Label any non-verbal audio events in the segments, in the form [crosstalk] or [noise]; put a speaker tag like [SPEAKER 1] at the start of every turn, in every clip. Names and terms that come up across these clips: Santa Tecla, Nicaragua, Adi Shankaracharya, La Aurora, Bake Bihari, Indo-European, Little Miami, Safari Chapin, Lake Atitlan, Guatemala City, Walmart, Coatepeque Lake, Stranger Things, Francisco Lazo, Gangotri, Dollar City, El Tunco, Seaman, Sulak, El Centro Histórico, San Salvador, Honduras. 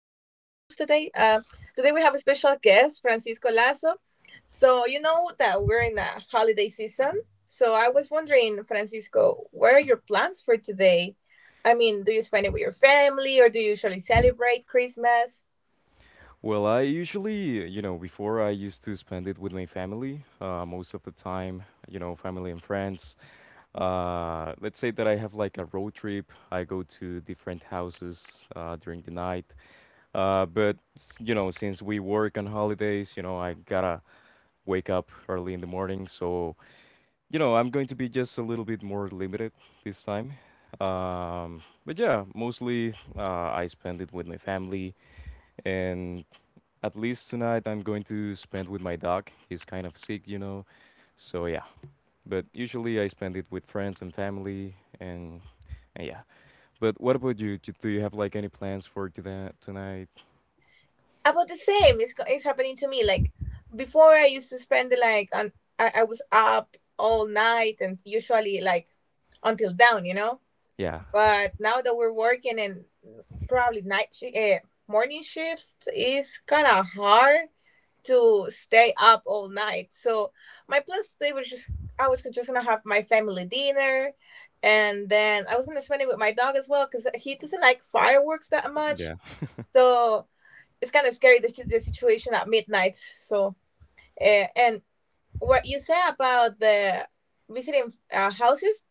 [SPEAKER 1] today. Today we have a special guest, Francisco Lazo. So, you know that we're in a holiday season. So, I was wondering, Francisco, what are your plans for today? I mean, do you spend it with your family or do you usually celebrate Christmas?
[SPEAKER 2] Well, I usually, before I used to spend it with my family, most of the time, you know, family and friends. Let's say that I have like a road trip. I go to different houses during the night. But, s- you know, Since we work on holidays, I gotta wake up early in the morning. So, I'm going to be just a little bit more limited this time. But yeah, mostly I spend it with my family, and at least tonight I'm going to spend with my dog. He's kind of sick. So yeah, but usually I spend it with friends and family, and, and yeah. But what about you? Do you have like any plans for today tonight?
[SPEAKER 1] About the same. It's happening to me. Like, before I used to spend it like, on, I was up all night and usually like until down, you know?
[SPEAKER 2] Yeah,
[SPEAKER 1] But now that we're working in probably night shi morning shifts, it's kind of hard to stay up all night. So my plans today was just I was just gonna have my family dinner, and then I was gonna spend it with my dog as well because he doesn't like fireworks that much.
[SPEAKER 2] yeah.
[SPEAKER 1] So it's kind of scary the situation at midnight. And what you say about the visiting houses?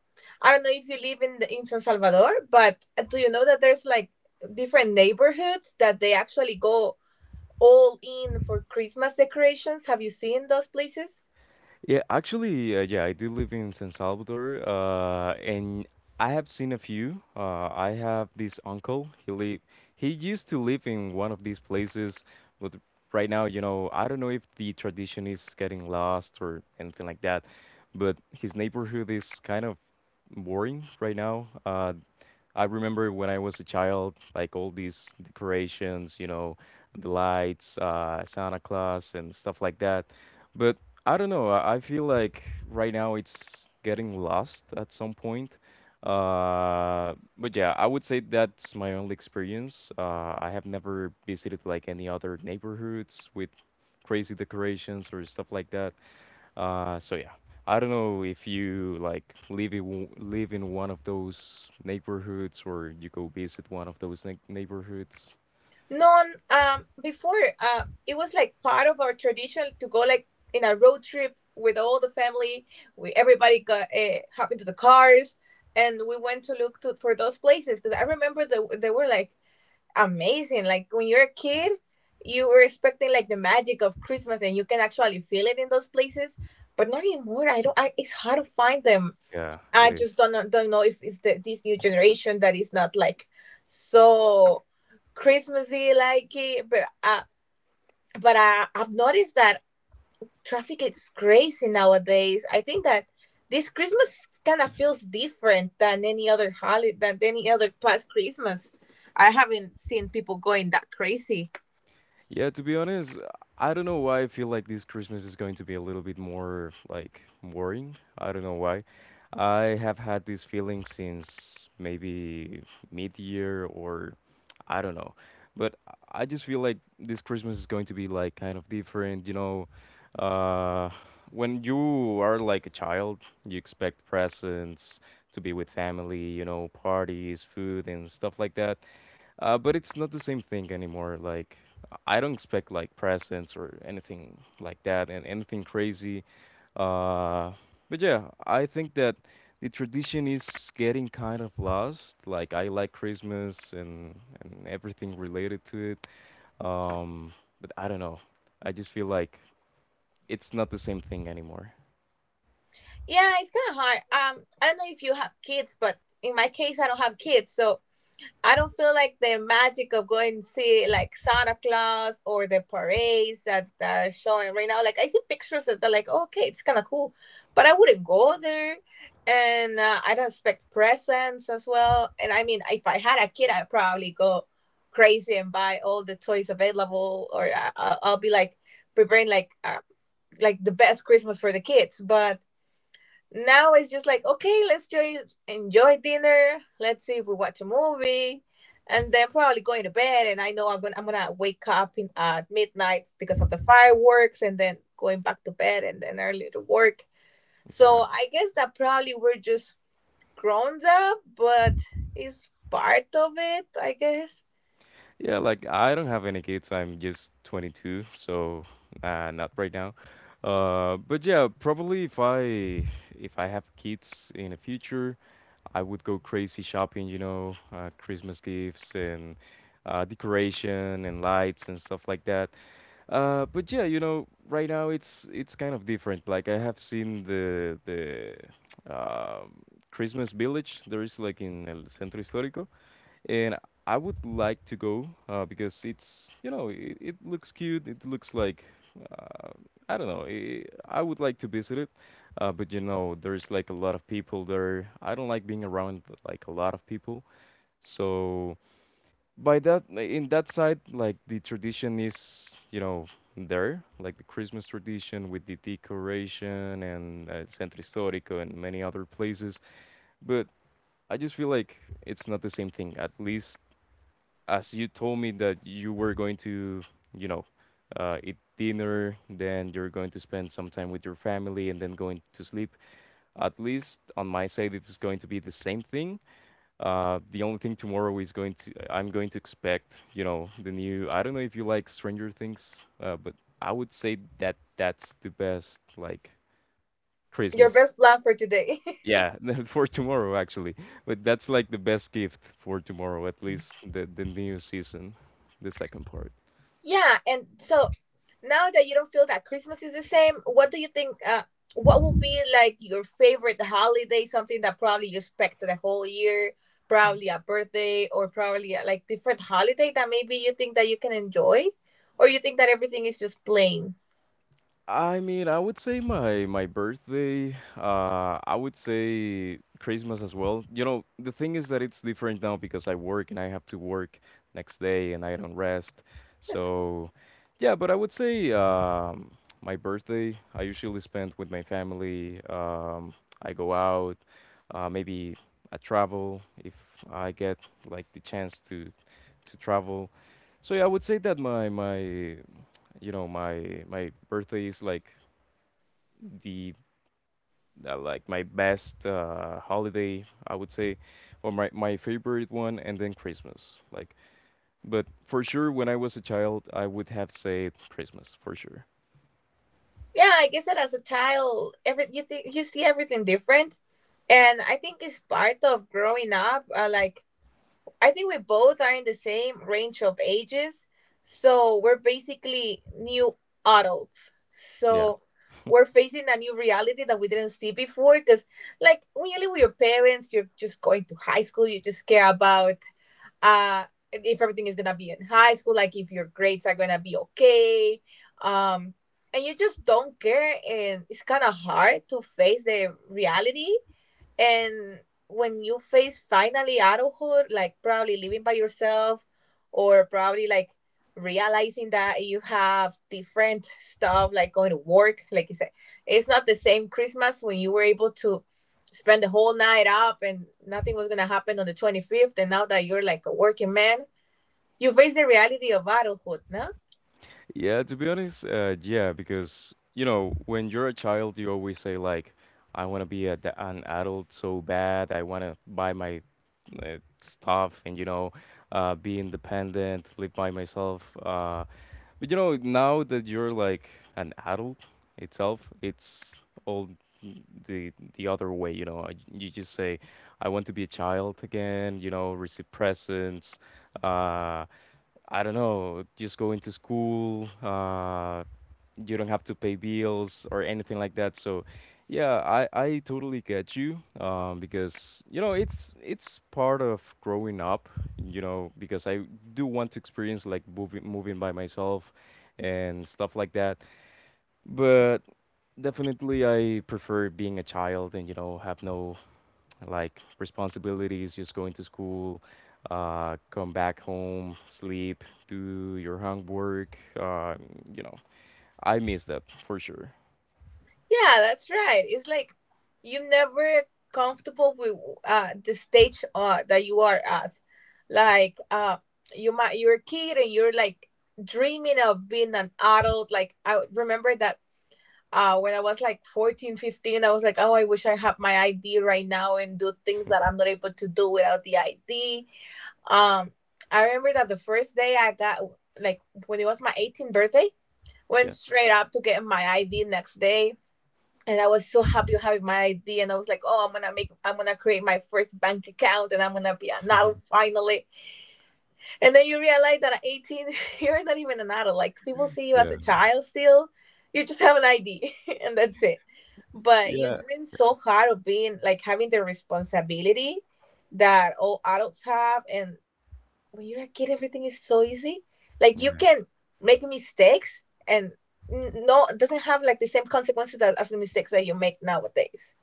[SPEAKER 1] I don't know if you live in in San Salvador, but do you know that there's like different neighborhoods that they actually go all in for Christmas decorations? Have you seen those places?
[SPEAKER 2] Yeah, actually, yeah, I do live in San Salvador, and I have seen a few. I have this uncle. He used to live in one of these places, but right now, I don't know if the tradition is getting lost or anything like that. But his neighborhood is kind of boring right now. I remember when I was a child, like all these decorations, you know, the lights, Santa Claus, and stuff like that. But I don't know. I feel like right now it's getting lost at some point. But yeah, I would say that's my only experience. I have never visited like any other neighborhoods with crazy decorations or stuff like that. So yeah, I don't know if you like live in live in one of those neighborhoods or you go visit one of those neighborhoods.
[SPEAKER 1] No. Before, it was like part of our tradition to go like in a road trip with all the family, we everybody got hop into the cars, and we went to look for those places because I remember they were like amazing. Like when you're a
[SPEAKER 2] Uh,
[SPEAKER 1] kid, you were expecting like the magic of Christmas, and you can actually feel it in those places, but not anymore. I don't I, it's hard to find them.
[SPEAKER 2] Yeah,
[SPEAKER 1] I
[SPEAKER 2] it
[SPEAKER 1] just
[SPEAKER 2] is.
[SPEAKER 1] don't know if it's this new generation that is not like so Christmassy like it, but I've noticed that traffic is crazy nowadays. I think that this Christmas kind of feels different than any other holiday, than any other past Christmas. I haven't seen people going that crazy.
[SPEAKER 2] Yeah, to be honest, I don't know why I feel like this Christmas is going to be a little bit more like worrying. I don't know why. I have had this feeling since maybe mid-year or I don't know. But I just feel like this Christmas is going to be like kind of different, Uh, when you are like a child, you expect presents to be with family, you know, parties, food, and stuff like that. But it's not the same thing anymore. Like I don't expect like presents or anything like that and anything crazy. Uh, but yeah, I think that the tradition is getting kind of lost. Like I like Christmas and everything related to it. Um, but I don't know. I just feel like it's not the same thing anymore.
[SPEAKER 1] Yeah, it's kind of hard. I don't know if you have kids, but in my case, I don't have kids, so I don't feel like the magic of going to see like Santa Claus or the parades that are showing right now. Like I see pictures that are like, oh, okay, it's kind of cool, but I wouldn't go there. And I don't expect presents as well. And I mean, if I had a kid, I'd probably go crazy and buy all the toys available, or I'll be like preparing like the best Christmas for the kids. But now it's just like, okay, let's just enjoy dinner. Let's see if we watch a movie. And then probably going to bed, and I know I'm gonna wake up at midnight because of the fireworks, and then going back to bed, and then early to work. So
[SPEAKER 2] Yeah.
[SPEAKER 1] I guess that probably we're just grown up, but it's part of it, I guess.
[SPEAKER 2] Yeah, like I don't have any kids. I'm just 22, so not right now. But yeah, probably if I have kids in the future, I would go crazy shopping, you know, Christmas gifts and decoration and lights and stuff like that. But yeah, you know, right now it's kind of different. Like I have seen the um Christmas village there is like in El Centro Histórico and I would like to go because it looks cute. It looks like uh, I don't know. I would like to visit it, but you know there's like a lot of people there. I don't like being around like a lot of people. So by that side, like the tradition is there, like the Christmas tradition with the decoration and Centro Histórico and many other places. But I just feel like it's not the same thing. At least as you told me that you were going to, you know, eat dinner, then you're going to spend some time with your family and then going to sleep. At least on my side, it is going to be the same thing. The only thing tomorrow is I'm going to expect, you know, the new, I don't know if you like Stranger Things, but I would say that that's the best, like,
[SPEAKER 1] Your
[SPEAKER 2] Christmas.
[SPEAKER 1] best plan for today. [laughs]
[SPEAKER 2] Yeah, [laughs] for tomorrow actually. But that's like the best gift for tomorrow, at least the new season, the second part.
[SPEAKER 1] Yeah, and so now that you don't feel that Christmas is the same, what do you think? What would be like your favorite holiday? Something that probably you expect the whole year, probably a birthday or probably like different holiday that maybe you think that you can enjoy, or you think that everything is just plain.
[SPEAKER 2] I mean, I would say my birthday. I would say Christmas as well. You know, the thing is that it's different now because I work and I have to work next day and I don't rest. So, yeah, but I would say my birthday I usually spend with my family. I go out, maybe I travel if I get like the chance to travel. So yeah, I would say that my you know my my birthday is like the like my best holiday, I would say, or my favorite one, and then Christmas. Like, but for sure, when I was a child, I would have said Christmas for sure.
[SPEAKER 1] Yeah, I guess that as a child, every you think you see everything different. And I think it's part of growing up. Like, I think we both are in the same range of ages. So we're basically new adults.
[SPEAKER 2] Yeah.
[SPEAKER 1] So we're facing a new reality that we didn't see before. Because, like, when you live with your parents, you're just going to high school, you just care about uh, if everything is going to be in high school, like if your grades are going to be okay. Um, and you just don't care. And it's kind of hard to face the reality, and when you face finally adulthood, like probably living by yourself or probably like realizing that you have different stuff like going to work, like you said, it's not the same Christmas when you were able to spend the whole night up and nothing was going to happen on the 25th. And now that you're like a working man, you face the reality of adulthood, no?
[SPEAKER 2] Yeah, to be honest, yeah, because you know, when you're a child, you always say like, I want to be a, an adult so bad. I want to buy my stuff and you know, be independent, live by myself. But you know, now that you're like an adult itself, it's all the other way. You know, you just say, "I want to be a child again." You know, receive presents, uh, I don't know, just going to school, you don't have to pay bills or anything like that. So, yeah, I totally get you, because you know it's part of growing up, you know, because I do want to experience like moving by myself and stuff like that. But definitely, I prefer being a child and you know have no like responsibilities, just going to school, come back home, sleep, do your homework. You know, I miss that for sure.
[SPEAKER 1] Yeah, that's right. It's like you never comfortable with the stage that you are at. Like, you're a kid and you're like dreaming of being an adult. Like I remember that when I was like 14, 15, I was like, oh, I wish I had my ID right now and do things that I'm not able to do without the ID. Um, I remember that the first day I got like when it was my 18th birthday, went
[SPEAKER 2] Yeah.
[SPEAKER 1] straight up to get my ID next day, and I was so happy of having my ID, and I was like, "Oh, I'm gonna create my first bank account, and I'm gonna be an adult finally." And then you realize that at 18, [laughs] you're not even an adult. Like people see you as
[SPEAKER 2] Yeah.
[SPEAKER 1] a child still. You just have an ID [laughs] and that's it. But you
[SPEAKER 2] Yeah.
[SPEAKER 1] dream so hard of being like having the responsibility that all adults have. And when you're a kid, everything is so easy. Like you can make mistakes and no, it doesn't have like the same consequences as the mistakes that you make nowadays.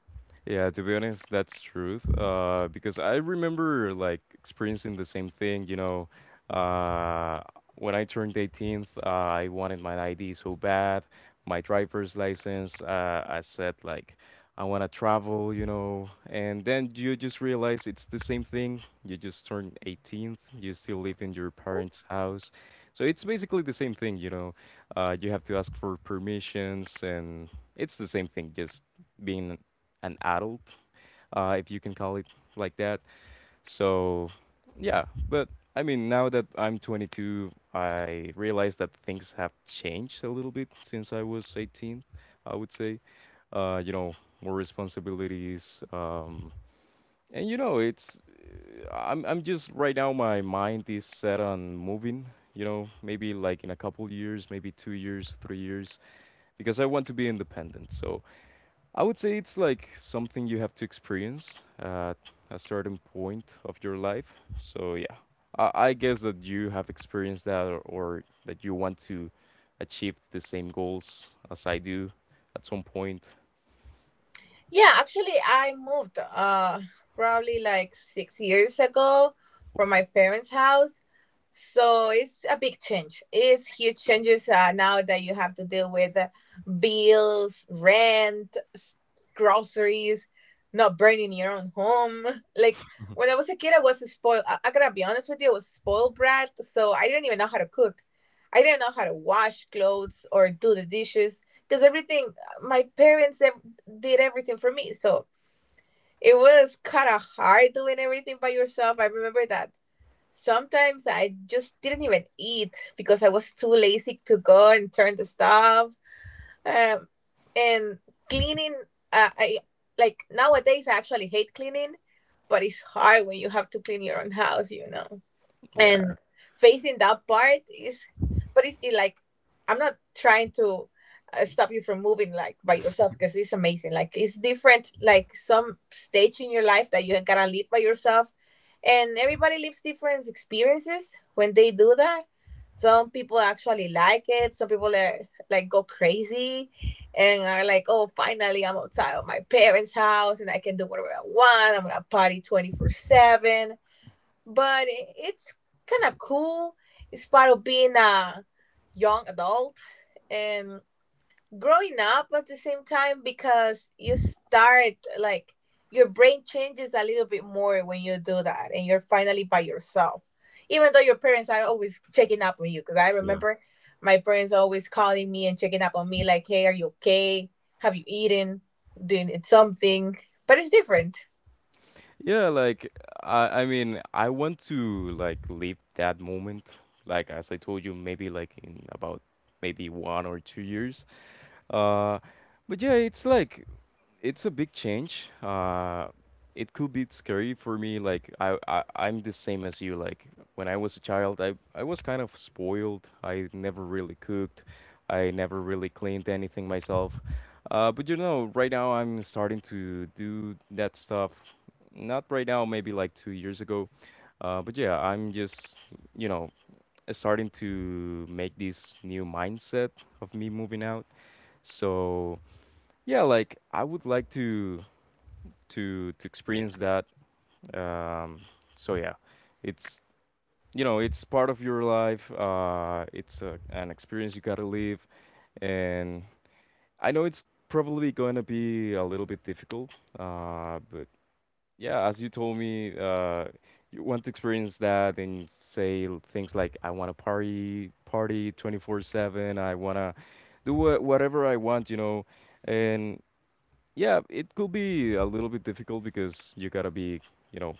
[SPEAKER 2] Yeah, to be honest, that's truth. Because I remember like experiencing the same thing. You know, uh, when I turned 18th, I wanted my ID so bad, my driver's license. I said like, I want to travel. You know, and then you just realize it's the same thing. You just turned 18th. You still live in your parents' house, so it's basically the same thing. You know, you have to ask for permissions, and it's the same thing. Just being an adult, if you can call it like that. So, yeah, but I mean, now that I'm 22, I realize that things have changed a little bit since I was 18, I would say. You know, more responsibilities, and you know, it's I'm just right now my mind is set on moving, you know, maybe like in a couple years, maybe 2 years, 3 years, because I want to be independent. So I would say it's like something you have to experience at a certain point of your life. So yeah, I guess that you have experienced that or that you want to achieve the same goals as I do at some point.
[SPEAKER 1] Yeah, actually, I moved probably like 6 years ago from my parents' house. So it's a big change. It's huge changes now that you have to deal with bills, rent, groceries, not burning your own home. [laughs] Like when I was a kid, I was a spoiled. I gotta be honest with you, I was spoiled brat. So I didn't even know how to cook. I didn't know how to wash clothes or do the dishes because everything my parents did everything for me. So it was kind of hard doing everything by yourself. I remember that sometimes I just didn't even eat because I was too lazy to go and turn the stuff. Um, and cleaning, I like nowadays I actually hate cleaning, but it's hard when you have to clean your own house,
[SPEAKER 2] Yeah.
[SPEAKER 1] and facing that part is but it's it like I'm not trying to stop you from moving like by yourself because it's amazing, like it's different, like some stage in your life that you gotta live by yourself, and everybody lives different experiences when they do that. Some people actually like it. Some people like go crazy and are like, "Oh, finally I'm outside of my parents' house and I can do whatever I want. I'm gonna party 24/7." But it's kind of cool. It's part of being a young adult and growing up at the same time because you start like your brain changes a little bit more when you do that, and you're finally by yourself. Even though your parents are always checking up on you, because I
[SPEAKER 2] Yeah.
[SPEAKER 1] remember my parents always calling me and checking up on me, like, "Hey, are you okay? Have you eaten? Doing something?" But it's different.
[SPEAKER 2] Yeah, like I mean, I want to like live that moment. Like as I told you, maybe like in about maybe 1 or 2 years. Uh, but yeah, it's like it's a big change. It could be scary for me. Like I'm the same as you. Like when I was a child, I was kind of spoiled. I never really cooked. I never really cleaned anything myself. But you know, right now I'm starting to do that stuff. Not right now, maybe like 2 years ago. But yeah, I'm just, you know, starting to make this new mindset of me moving out. So yeah, like I would like to experience that. Um, so yeah, it's it's part of your life. It's a, an experience you gotta live, and I know it's probably going to be a little bit difficult. But yeah, as you told me, you want to experience that and say things like, I want to party, party 24/7. I want to do whatever I want, you know. And yeah, it could be a little bit difficult because you gotta be, you know,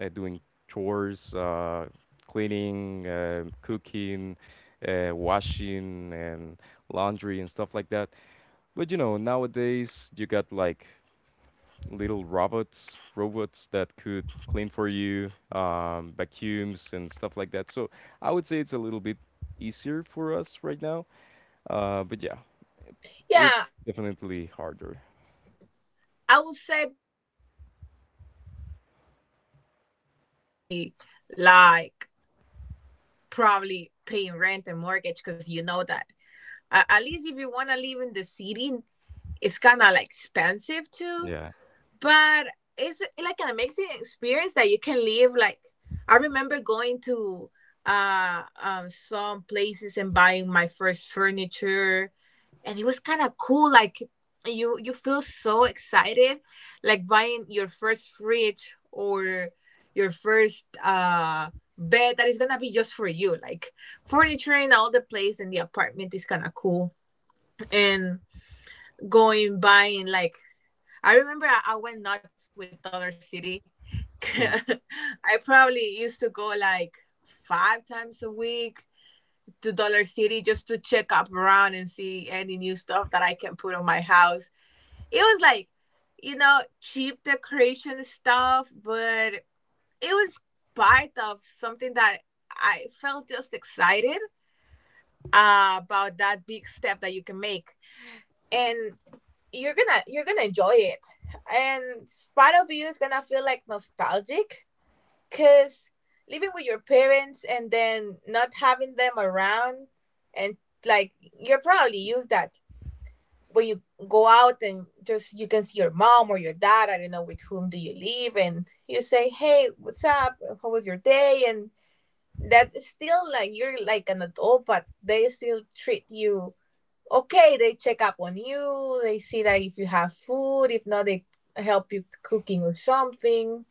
[SPEAKER 2] doing chores, cleaning, cooking, washing, and laundry and stuff like that. But you know, nowadays you got like little robots, robots that could clean for you, vacuums and stuff like that. So I would say it's a little bit easier for us right now. But yeah,
[SPEAKER 1] Yeah,
[SPEAKER 2] it's definitely harder.
[SPEAKER 1] I would say that the only hard thing it would be like probably paying rent and mortgage because you know that at least if you want to live in the city, it's kind of like expensive too. But it's like an amazing experience that you can live, like I remember going to some places and buying my first furniture, and it was kind of cool, like you feel so excited like buying your first fridge or your first bed that is gonna be just for you, like furniture and all the place in the apartment is kind of cool, and going buying, like I remember I went nuts with Dollar City. [laughs] I probably used to go like five times a week to Dollar City just to check up around and see any new stuff that I can put on my house. It was like cheap decoration stuff, but it was part of something that I felt just excited about that big step that you can make, and you're gonna enjoy it. And part of you is gonna feel like nostalgic because living with your parents and then not having them around, and like you're probably used that when you go out and just you can see your mom or your dad, I don't know with whom do you live, and you say, "Hey, what's up? How was your day?" And that is still like you're like an adult, but they still treat you okay. They check up on you. They see that if you have food, if not they help you cooking or something.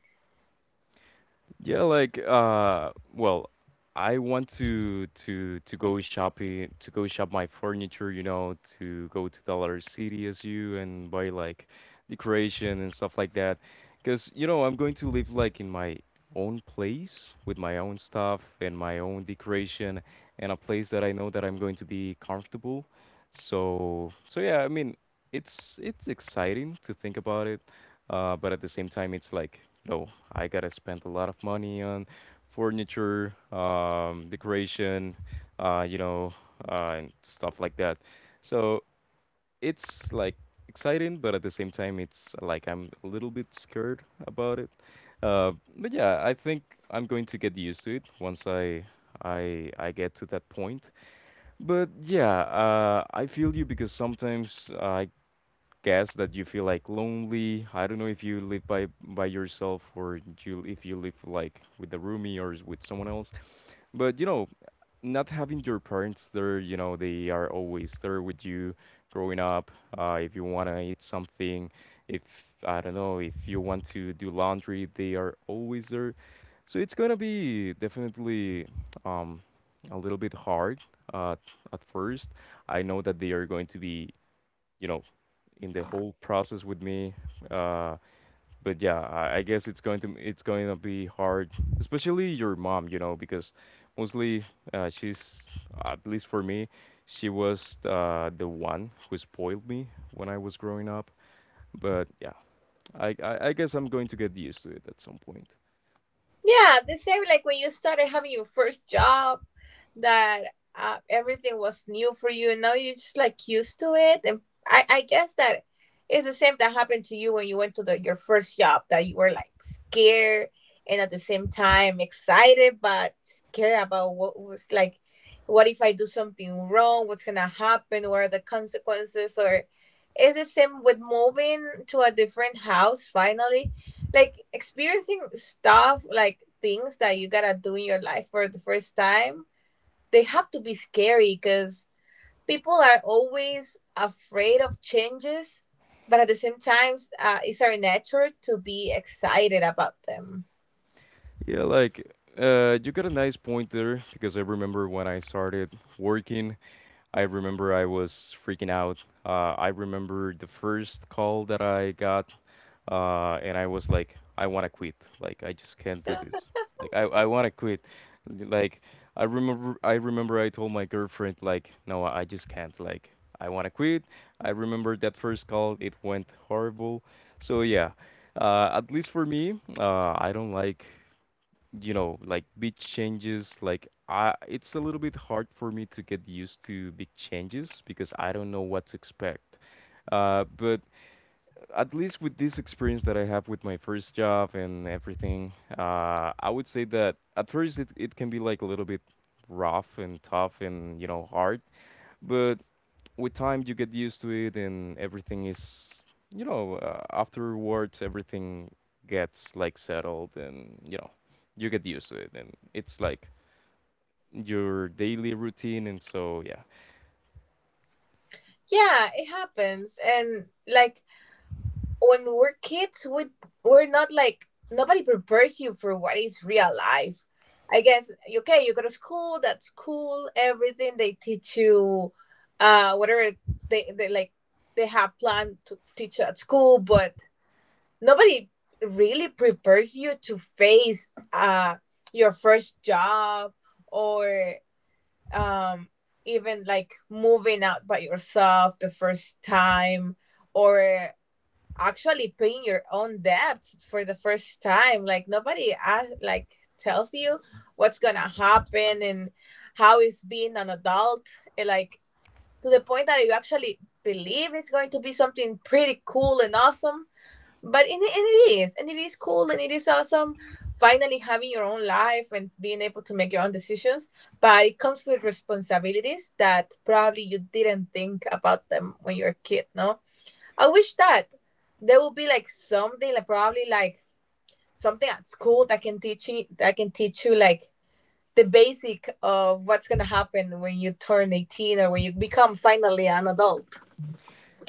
[SPEAKER 2] Yeah, like well, I want to go shopping, to go shop my furniture, you know, to go to Dollar City as you and buy like decoration and stuff like that. 'Cause you know, I'm going to live like in my own place with my own stuff and my own decoration and a place that I know that I'm going to be comfortable. So yeah, I mean, it's exciting to think about it. But at the same time, it's like, no, I gotta spend a lot of money on furniture, decoration, you know, and stuff like that. So it's like exciting, but at the same time, it's like I'm a little bit scared about it. Uh, but yeah, I think I'm going to get used to it once I get to that point. But yeah, I feel you because sometimes I guess that you feel like lonely. I don't know if you live by yourself or you if you live like with a roomie or with someone else. But you know, not having your parents there, you know, they are always there with you growing up. If you wanna eat something, if I don't know, if you want to do laundry, they are always there. So it's gonna be definitely um, a little bit hard uh, at first. I know that they are going to be, you know, in the whole process with me. Uh, but yeah, I guess it's going to be hard, especially your mom, you know, because mostly she's, at least for me, she was the one who spoiled me when I was growing up. But yeah, I guess I'm going to get used to it at some point.
[SPEAKER 1] Yeah, the same like when you started having your first job, that everything was new for you, and now you're just like used to it. And I guess that it's the same that happened to you when you went to the your first job, that you were like scared and at the same time excited but scared about what if I do something wrong? What's gonna happen? What are the consequences? Or is the same with moving to a different house, finally like experiencing stuff, like things that you gotta do in your life for the first time. They have to be scary because people are always afraid of changes, but at the same time, it's our nature to be excited about them.
[SPEAKER 2] Yeah, like you got a nice point there because I remember when I started working, I remember I was freaking out. I remember the first call that I got, and I was like, I want to quit. Like, I just can't do this. Like, I want to quit. Like, I remember, I remember I told my girlfriend, like, no, I just can't. Like, I want to quit. I remember that first call. It went horrible. So yeah, at least for me, I don't like, you know, like big changes. Like I, it's a little bit hard for me to get used to big changes because I don't know what to expect. But at least with this experience that I have with my first job and everything, I would say that at first it can be like a little bit rough and tough and, you know, hard. But with time you get used to it and everything is, you know, afterwards everything gets like settled and you know you get used to it and it's like your daily routine. And so yeah,
[SPEAKER 1] Yeah, it happens. And like when we're kids, we we're not like nobody prepares you for what is real life, I guess. Okay, you go to school, that's cool, everything they teach you, whatever they, they like they have planned to teach at school, but nobody really prepares you to face your first job, or um even like moving out by yourself the first time, or actually paying your own debts for the first time. Like nobody ask, like tells you what's gonna happen and how it's being an adult. And, like, to the point that you actually believe it's going to be something pretty cool and awesome. But and it is cool, and it is awesome. Finally, having your own life and being able to make your own decisions, but it comes with responsibilities that probably you didn't think about them when you were a kid, no? I wish that there would be like something, like probably like something at school that can teach you like the basic of what's gonna happen when you turn 18 or when you become finally an adult.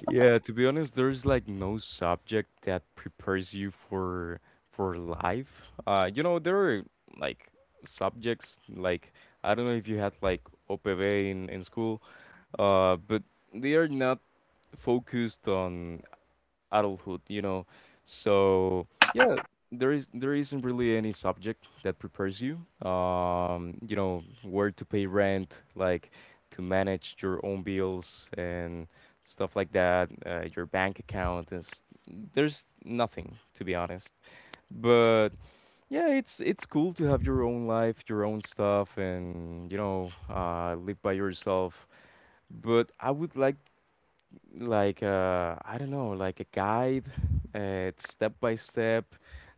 [SPEAKER 2] yeah, to be honest, there's like no subject that prepares you for life. You know, there are like subjects like I don't know if you had like OPV in school, but they are not focused on adulthood, you know. So yeah, there isn't really any subject that prepares you. You know, where to pay rent, like to manage your own bills and stuff like that, your bank account, is there's nothing, to be honest. But yeah, it's cool to have your own life, your own stuff, and you know, live by yourself. But I would like, I don't know, like a guide, step by step,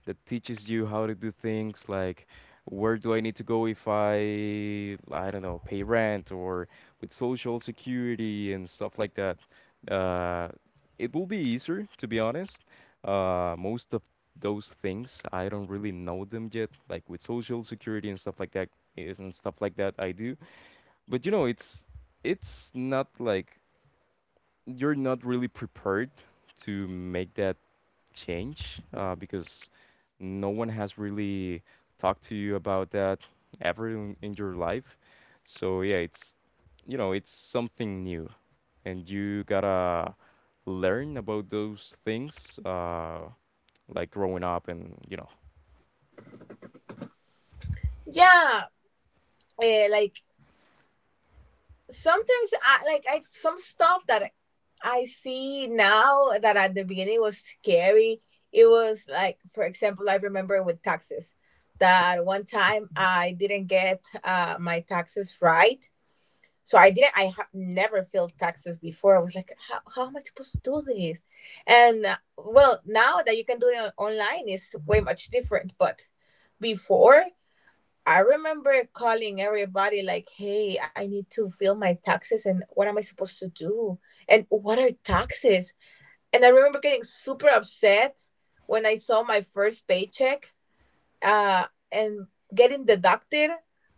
[SPEAKER 2] that teaches you how to do things. Like, where do I need to go if I don't know, pay rent or with social security and stuff like that. Uh, it will be easier, to be honest. Most of those things I don't really know them yet, like with social security and stuff like that, is and stuff like that I do. But you know, it's not like you're not really prepared to make that change, because no one has really talked to you about that ever in your life. So yeah, it's, you know, it's something new, and you gotta learn about those things, like growing up and, you know.
[SPEAKER 1] Yeah, like sometimes I like I some stuff that I see now that at the beginning was scary. It was like, for example, I remember with taxes that one time I didn't get my taxes right. So I have never filled taxes before. I was like, how am I supposed to do this? And well, now that you can do it online is way much different. But before, I remember calling everybody like, hey, I need to fill my taxes and what am I supposed to do? And what are taxes? And I remember getting super upset when I saw my first paycheck uh, and getting deducted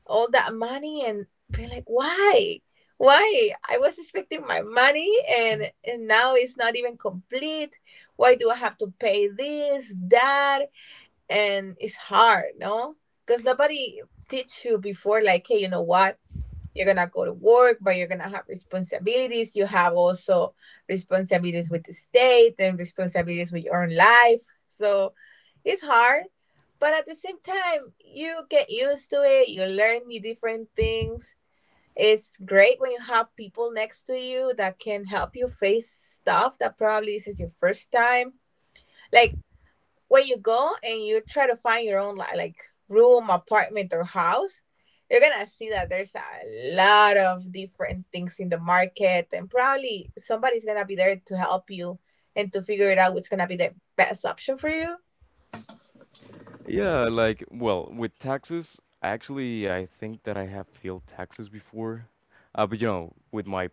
[SPEAKER 1] all that money and being like, why? Why? I was expecting my money, and now it's not even complete. Why do I have to pay this, that? And it's hard, no? Because nobody teach you before, like, hey, you know what? You're gonna go to work, but you're gonna have responsibilities. You have also responsibilities with the state and responsibilities with your own life. So it's hard, but at the same time, you get used to it. You learn the different things. It's great when you have people next to you that can help you face stuff that probably this is your first time. Like when you go and you try to find your own like room, apartment, or house, you're gonna see that there's a lot of different things in the market, and probably somebody's gonna be there to help you and to figure it out what's gonna be the best option for you.
[SPEAKER 2] Yeah, like, well, with taxes, actually, I think that I have failed taxes before. But you know, with my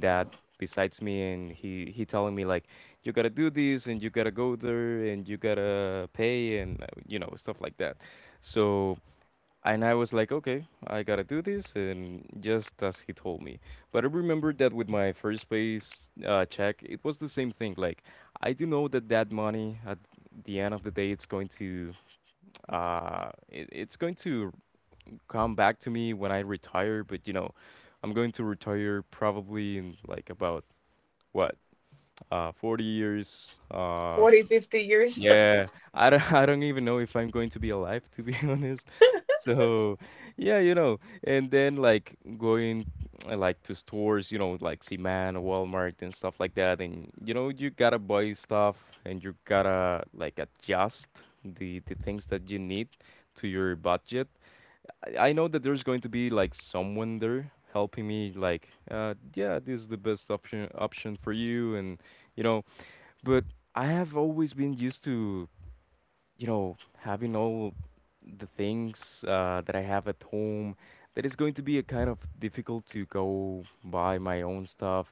[SPEAKER 2] dad besides me, and he telling me like, you gotta do this, and you gotta go there, and you gotta pay, and you know, stuff like that. So, and I was like, okay, I gotta do this, and just as he told me. But I remember that with my first pay check, it was the same thing. Like, I do know that that money at the end of the day, it's going to it's going to come back to me when I retire, but you know, I'm going to retire probably in like about what, 40 years. Uh,
[SPEAKER 1] 40,
[SPEAKER 2] so
[SPEAKER 1] 50 years.
[SPEAKER 2] yeah, I don't, [laughs] I don't even know if I'm going to be alive, to be [laughs] honest. So yeah, you know, and then like going like to stores, you know, like Seaman, Walmart, and stuff like that, and you know, you gotta buy stuff and you gotta like adjust the things that you need to your budget. I know that there's going to be like someone there helping me like yeah, this is the best option for you and you know, but I have always been used to, you know, having all the things that I have at home, that is going to be a kind of difficult to go buy my own stuff.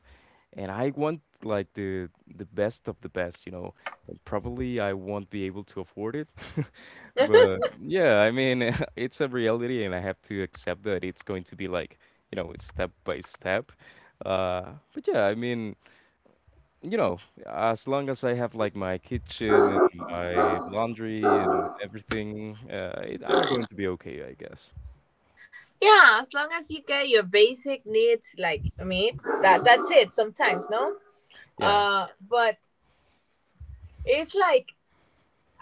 [SPEAKER 2] And I want like the best of the best, you know, and probably I won't be able to afford it.
[SPEAKER 1] [laughs]
[SPEAKER 2] But yeah, I mean, [laughs] it's a reality, and I have to accept that it's going to be like, you know, step by step. Uh, but yeah, I mean, you know, as long as I have like my kitchen and my laundry and everything, I'm going to be okay, I guess.
[SPEAKER 1] Yeah, as long as you get your basic needs like meet, that's it. Sometimes no,
[SPEAKER 2] Yeah,
[SPEAKER 1] but it's like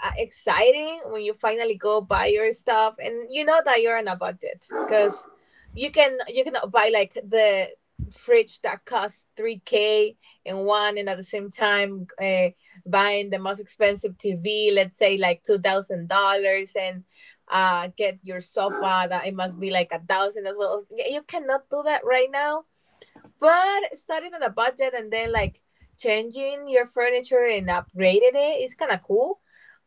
[SPEAKER 1] exciting when you finally go buy your stuff and you know that you're on a budget because you cannot buy like the fridge that costs 3k and one, and at the same time buying the most expensive TV, let's say like $2000, and get your sofa that it must be like 1,000 as well. You cannot do that right now, but starting on a budget and then like changing your furniture and upgrading it is kind of cool.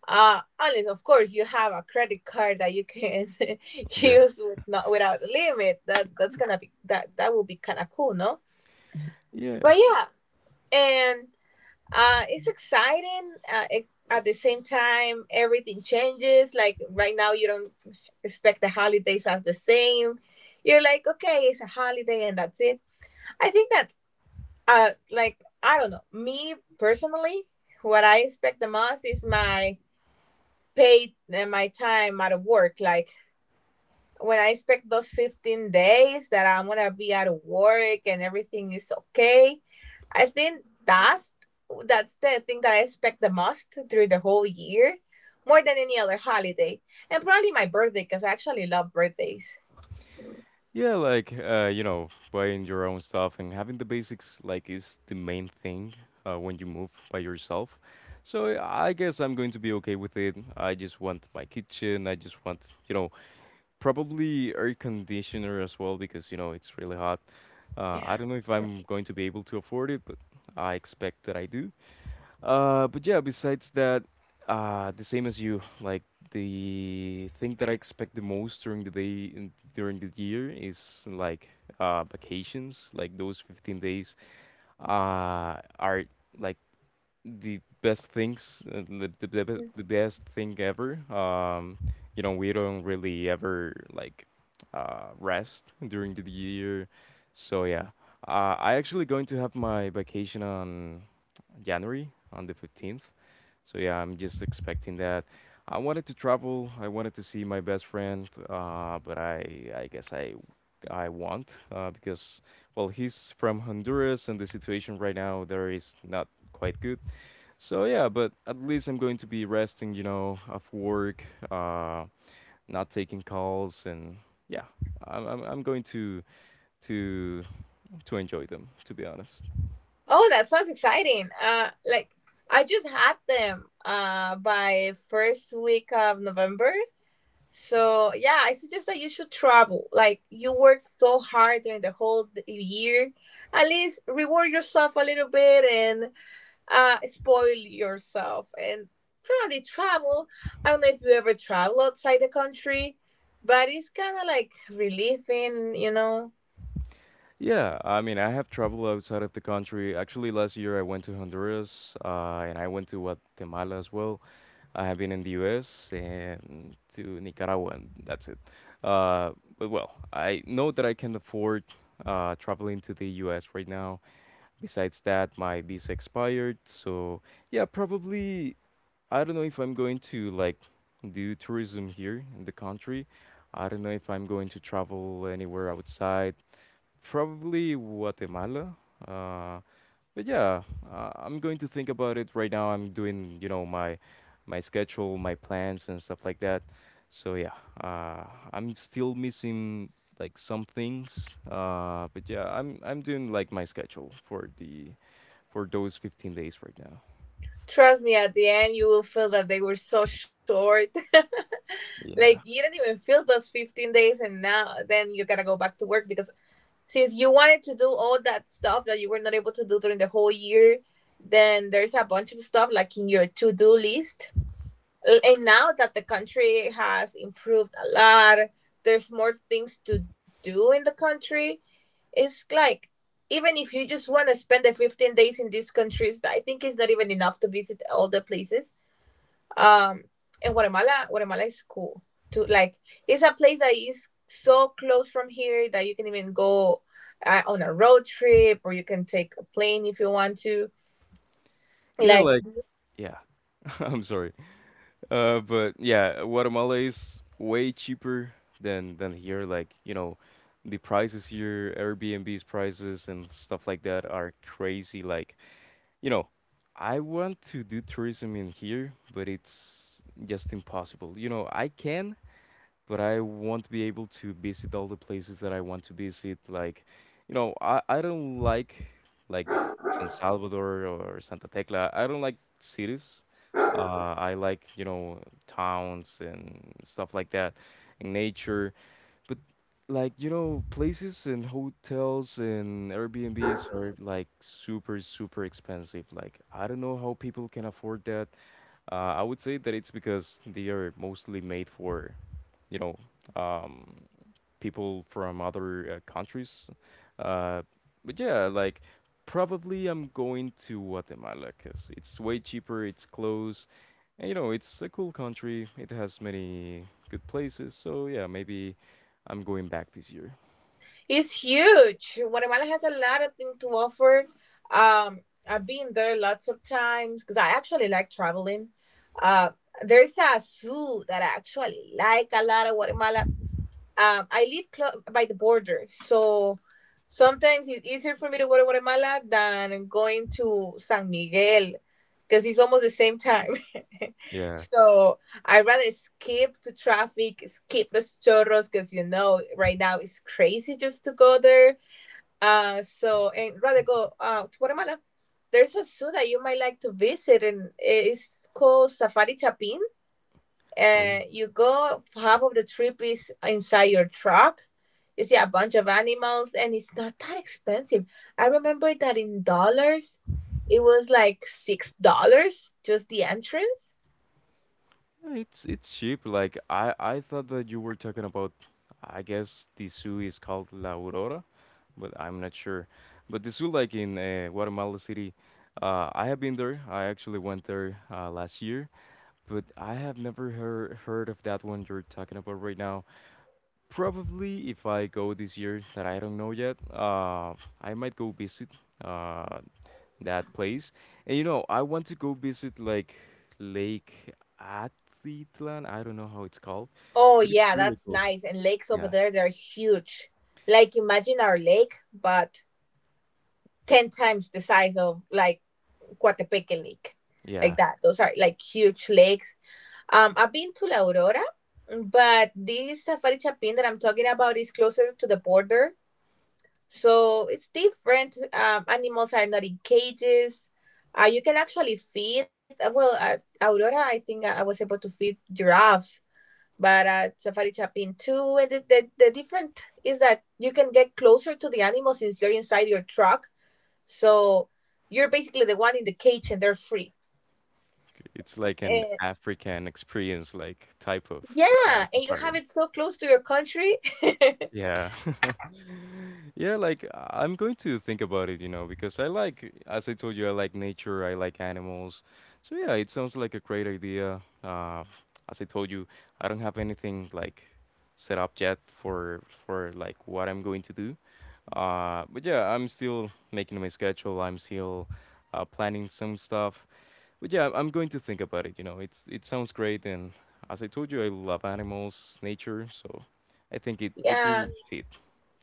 [SPEAKER 1] Unless of course you have a credit card that you can [laughs]
[SPEAKER 2] yeah,
[SPEAKER 1] use without a limit. That that's gonna be that that will be kind of cool, no?
[SPEAKER 2] yeah.
[SPEAKER 1] But yeah, and it's exciting. At the same time, everything changes. Like right now, you don't expect the holidays as the same. You're like, okay, it's a holiday and that's it. I think that like I don't know, me personally, what I expect the most is my paid and my time out of work. Like when I expect those 15 days that I'm going to be out of work and everything is okay, I think that's the thing that I expect the most through the whole year, more than any other holiday. And probably my birthday because I actually love birthdays.
[SPEAKER 2] Yeah, like you know, buying your own stuff and having the basics like is the main thing when you move by yourself. So yeah, I guess I'm going to be okay with it. I just want my kitchen. I just want, you know, probably air conditioner as well because you know it's really hot.
[SPEAKER 1] Yeah.
[SPEAKER 2] I don't know if I'm going to be able to afford it, but I expect that I do. But yeah, besides that, the same as you, like the thing that I expect the most during the day in, during the year is like vacations. Like those 15 days are like the best things, the, the best thing ever. You know, we don't really ever like rest during the year. So yeah, I actually going to have my vacation on January on the 15th. So yeah, I'm just expecting that. I wanted to travel. I wanted to see my best friend, but I guess I won't because well he's from Honduras and the situation right now there is not quite good. So yeah, but at least I'm going to be resting, you know, of work, uh, not taking calls, and yeah, I'm going to to enjoy them, to be honest.
[SPEAKER 1] Oh, that sounds exciting. Like I just had them by first week of November. So yeah, I suggest that you should travel. Like you work so hard during the whole year, at least reward yourself a little bit and spoil yourself and probably travel. I don't know if you ever travel outside the country, but it's kind of like relieving.
[SPEAKER 2] Yeah, I mean, I have traveled outside of the country. Actually, last year I went to Honduras, and I went to Guatemala as well. I have been in the US and to Nicaragua, and that's it. Uh, but well, I know that I can afford traveling to the US right now. Besides that, my visa expired, so yeah, probably I don't know if I'm going to like do tourism here in the country. I don't know if I'm going to travel anywhere outside. Probably Guatemala. Uh, but yeah, I'm going to think about it right now. I'm doing, you know, my schedule, my plans and stuff like that. So yeah, uh, I'm still missing like some things. But yeah, I'm doing like my schedule for the for those 15 days right now.
[SPEAKER 1] Trust me, at the end you will feel that they were so short. [laughs] Like
[SPEAKER 2] Yeah.
[SPEAKER 1] you don't even feel those 15 days and now then you gotta go back to work, because since you wanted to do all that stuff that you were not able to do during the whole year, then there's a bunch of stuff like in your to do list. And now that the country has improved a lot, there's more things to do in the country. It's like, even if you just want to spend the 15 days in these countries, I think it's not even enough to visit all the places um in Guatemala is cool to, like, it's a place that is so close from here that you can even go on a road trip, or you can take a plane if you want to.
[SPEAKER 2] Yeah,
[SPEAKER 1] Like,
[SPEAKER 2] like yeah. [laughs] I'm sorry. But yeah, Guatemala is way cheaper than here. Like, you know, the prices here, Airbnb's prices and stuff like that are crazy. Like, you know, I want to do tourism in here, but it's just impossible. You know, I can, but I won't be able to visit all the places that I want to visit. Like, you know, I don't like San Salvador or Santa Tecla. I don't like cities. I like, you know, towns and stuff like that and nature. But like, you know, places and hotels and Airbnbs are like super, super expensive. Like, I don't know how people can afford that. I would say that it's because they are mostly made for, you know, um, people from other countries. Uh, like probably I'm going to Guatemala because it's way cheaper, it's close, and you know, it's a cool country. It has many good places. So yeah, maybe I'm going back this year.
[SPEAKER 1] it's huge. Guatemala has a lot of things to offer. um I've been there lots of times because I actually like traveling. uh there's a zoo that I actually like a lot of Guatemala. I live by the border, so sometimes it's easier for me to go to Guatemala than going to San Miguel because it's almost the same time. [laughs]
[SPEAKER 2] Yeah.
[SPEAKER 1] So I rather skip the traffic, skip Los Chorros, because right now it's crazy just to go there. So and rather go to Guatemala. There's a zoo that you might like to visit, and it's called Safari Chapin.
[SPEAKER 2] Oh.
[SPEAKER 1] You go half of the trip is inside your truck. You see a bunch of animals, and it's not that expensive. I remember that in dollars, it was like $6 just the entrance.
[SPEAKER 2] Yeah, it's cheap. Like I thought that you were talking about. I guess the zoo is called La Aurora, but I'm not sure. But the Sulak in Guatemala City, I have been there. I actually went there last year, but I have never heard of that one you're talking about right now. Probably if I go this year, that I don't know yet, I might go visit uh, that place. And you know, I want to go visit like Lake Atitlan. I don't know how it's called,
[SPEAKER 1] Oh
[SPEAKER 2] but it's
[SPEAKER 1] yeah,
[SPEAKER 2] really
[SPEAKER 1] that's
[SPEAKER 2] cool.
[SPEAKER 1] nice. And lakes over
[SPEAKER 2] Yeah,
[SPEAKER 1] there, they're huge. Like imagine our lake, but 10 times the size of, like, Coatepeque Lake, like
[SPEAKER 2] yeah.
[SPEAKER 1] that. Those are like huge lakes. I've been to La Aurora, but this Safari Chapin that I'm talking about is closer to the border, so it's different. Animals are not in cages. You can actually feed. Well, at Aurora, I think I was able to feed giraffes, but at Safari Chapin too. And the different is that you can get closer to the animal since you're inside your truck. So you're basically the one in the cage, and they're free.
[SPEAKER 2] It's like an
[SPEAKER 1] Uh,
[SPEAKER 2] African experience, like type of
[SPEAKER 1] yeah, and you have
[SPEAKER 2] safari.
[SPEAKER 1] it so close to your country.
[SPEAKER 2] Yeah. [laughs] Yeah, like I'm going to think about it, you know, because I like, as I told you, I like nature, I like animals. So yeah, it sounds like a great idea. As I told you, I don't have anything like set up yet for like what I'm going to do. But yeah, I'm still making my schedule. I'm still planning some stuff. But yeah, I'm going to think about it. You know, it sounds great, and as I told you, I love animals, nature, so I think it
[SPEAKER 1] [laughs]
[SPEAKER 2] it
[SPEAKER 1] Yeah,
[SPEAKER 2] will fit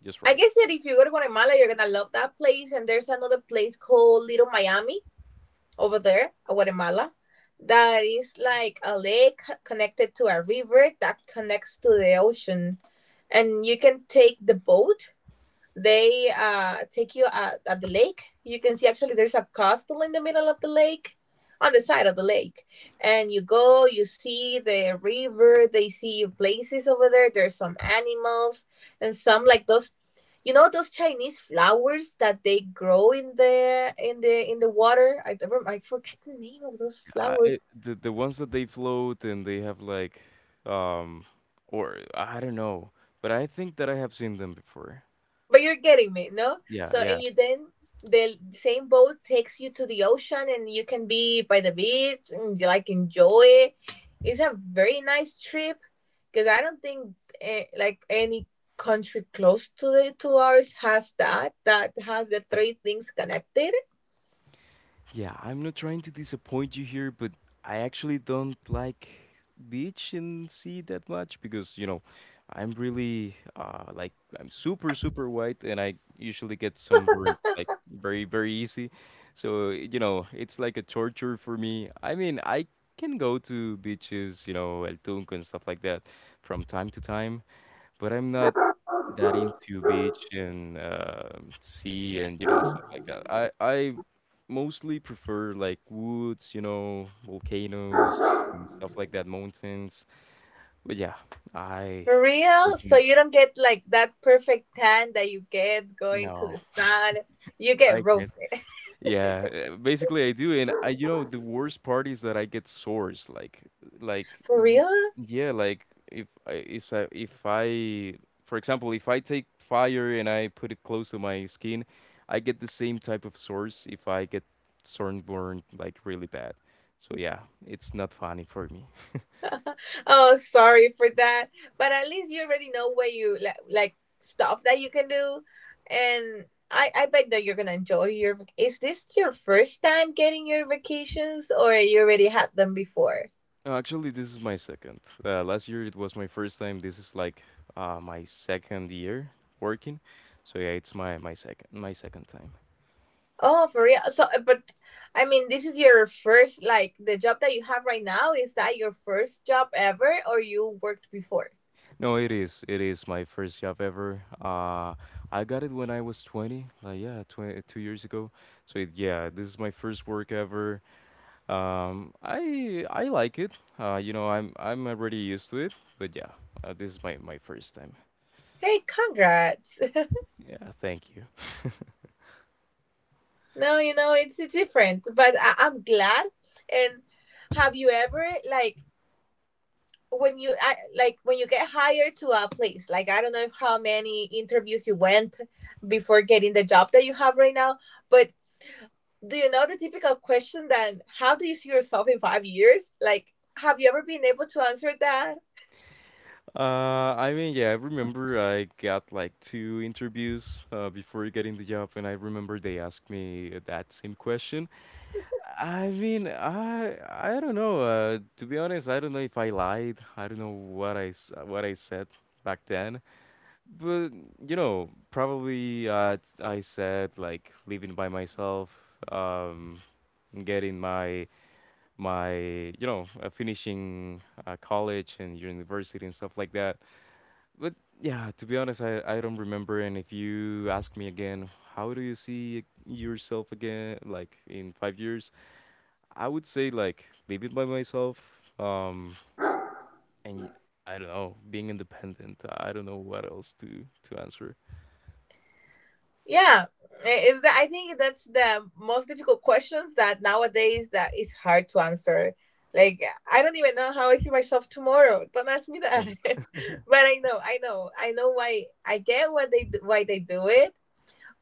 [SPEAKER 2] just
[SPEAKER 1] I
[SPEAKER 2] right.
[SPEAKER 1] guess that if you go to Guatemala, you're gonna love that place. And there's another place called Little Miami over there, Guatemala, that is like a lake connected to a river that connects to the ocean. And you can take the boat, they take you at the lake. You can see actually there's a castle in the middle of the lake, on the side of the lake. And you go, you see the river, they see places over there. There's some animals and some, like, those those Chinese flowers that they grow in the water. I don't rem- I forget the name of those flowers.
[SPEAKER 2] The ones that they float and they have like, um, or I don't know, but I think that I have seen them before.
[SPEAKER 1] But you're getting me, no?
[SPEAKER 2] Yeah,
[SPEAKER 1] So
[SPEAKER 2] yeah.
[SPEAKER 1] and you then the same boat takes you to the ocean, and you can be by the beach and you, like, enjoy it. It's a very nice trip because I don't think like any country close to the to ours has that has the three things connected.
[SPEAKER 2] Yeah, I'm not trying to disappoint you here, but I actually don't like beach and sea that much because, you know, I'm really like I'm super white and I usually get sunburned like very easy. So, you know, it's like a torture for me. I mean, I can go to beaches, you know, El Tunco and stuff like that from time to time, but I'm not that into beach and sea and you know stuff like that. I mostly prefer like woods, you know, volcanoes and stuff like that, mountains. But yeah, I
[SPEAKER 1] For real? So
[SPEAKER 2] unfortunately
[SPEAKER 1] you don't get like that perfect tan that you get going to
[SPEAKER 2] no,
[SPEAKER 1] the sun. You get
[SPEAKER 2] I can't.
[SPEAKER 1] roasted.
[SPEAKER 2] Yeah, basically I do, and I you know the worst part is that I get sores like
[SPEAKER 1] [laughs]
[SPEAKER 2] like
[SPEAKER 1] For real?
[SPEAKER 2] Yeah, like if I for example, if I take fire and I put it close to my skin, I get the same type of source if I get sunburned like really bad. So yeah, it's not funny for me.
[SPEAKER 1] Oh, sorry for that. But at least you already know what you like stuff that you can do. And I bet that you're gonna enjoy Is this your first time getting your vacations, or you already had them before?
[SPEAKER 2] No, actually, this is my second. Last year it was my first time. This is like my second year working. So yeah, it's my second time.
[SPEAKER 1] Oh, for real. So, but I mean, this is your first, like, the job that you have right now. Is that your first job ever, or you worked before?
[SPEAKER 2] No, it is. It is my first job ever. I got it when I was 20, like yeah, 20, 2 years ago. So it, yeah, this is my first work ever. I like it. You know, I'm already used to it, but yeah, this is my first time.
[SPEAKER 1] Hey, congrats.
[SPEAKER 2] Yeah, thank you.
[SPEAKER 1] No, it's different, but I'm glad. And have you ever like like when you get hired to a place, like I don't know if how many interviews you went before getting the job that you have right now, but do you know the typical question that how do you see yourself in 5 years? Like, have you ever been able to answer that?
[SPEAKER 2] Yeah, I remember I got like two interviews before getting the job, and I remember they asked me that same question. I don't know. To be honest, I don't know if I lied. I don't know what what I said back then. But you know, probably I said like living by myself, um, getting my my you know finishing college and university and stuff like that. But yeah, to be honest, I don't remember. And if you ask me again, how do you see yourself again, like in 5 years? I would say like leave it by myself, um, and I don't know, being independent. I don't know what else to answer.
[SPEAKER 1] Yeah, is that, I think that's the most difficult questions that nowadays that is hard to answer. Like I don't even know how I see myself tomorrow. Don't ask me that. [laughs] But I know, I know, I know why. I get what why they do it.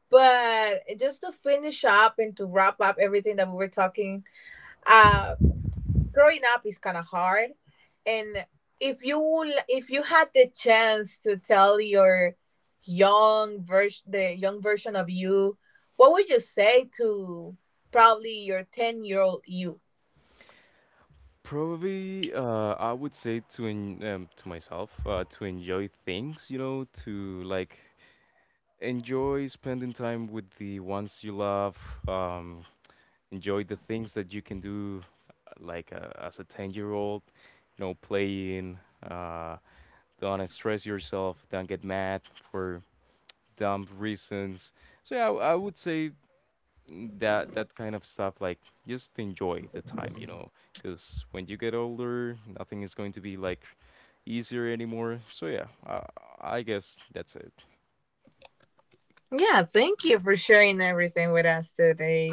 [SPEAKER 1] But just to finish up and to wrap up everything that we were talking, um, growing up is kind of hard, and if you had the chance to tell your young version the young version of you, what would you say to probably your 10-year-old you?
[SPEAKER 2] Probably, I would say to en to myself, to enjoy things, you know, to like enjoy spending time with the ones you love. Um, enjoy the things that you can do, as a 10-year-old, you know, playing. Uh, don't stress yourself. Don't get mad for dumb reasons. So yeah, I would say that that kind of stuff, like just enjoy the time, you know, because when you get older, nothing is going to be like easier anymore. So yeah, I guess that's it.
[SPEAKER 1] Yeah, thank you for sharing everything with us today.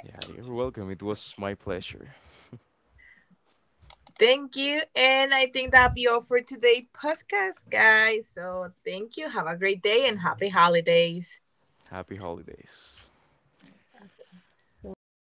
[SPEAKER 2] Yeah, you're welcome. It was my pleasure.
[SPEAKER 1] Thank you. And I think that'll be all for today, podcast guys. So thank you, have a great day and happy holidays.
[SPEAKER 2] Happy holidays.
[SPEAKER 1] So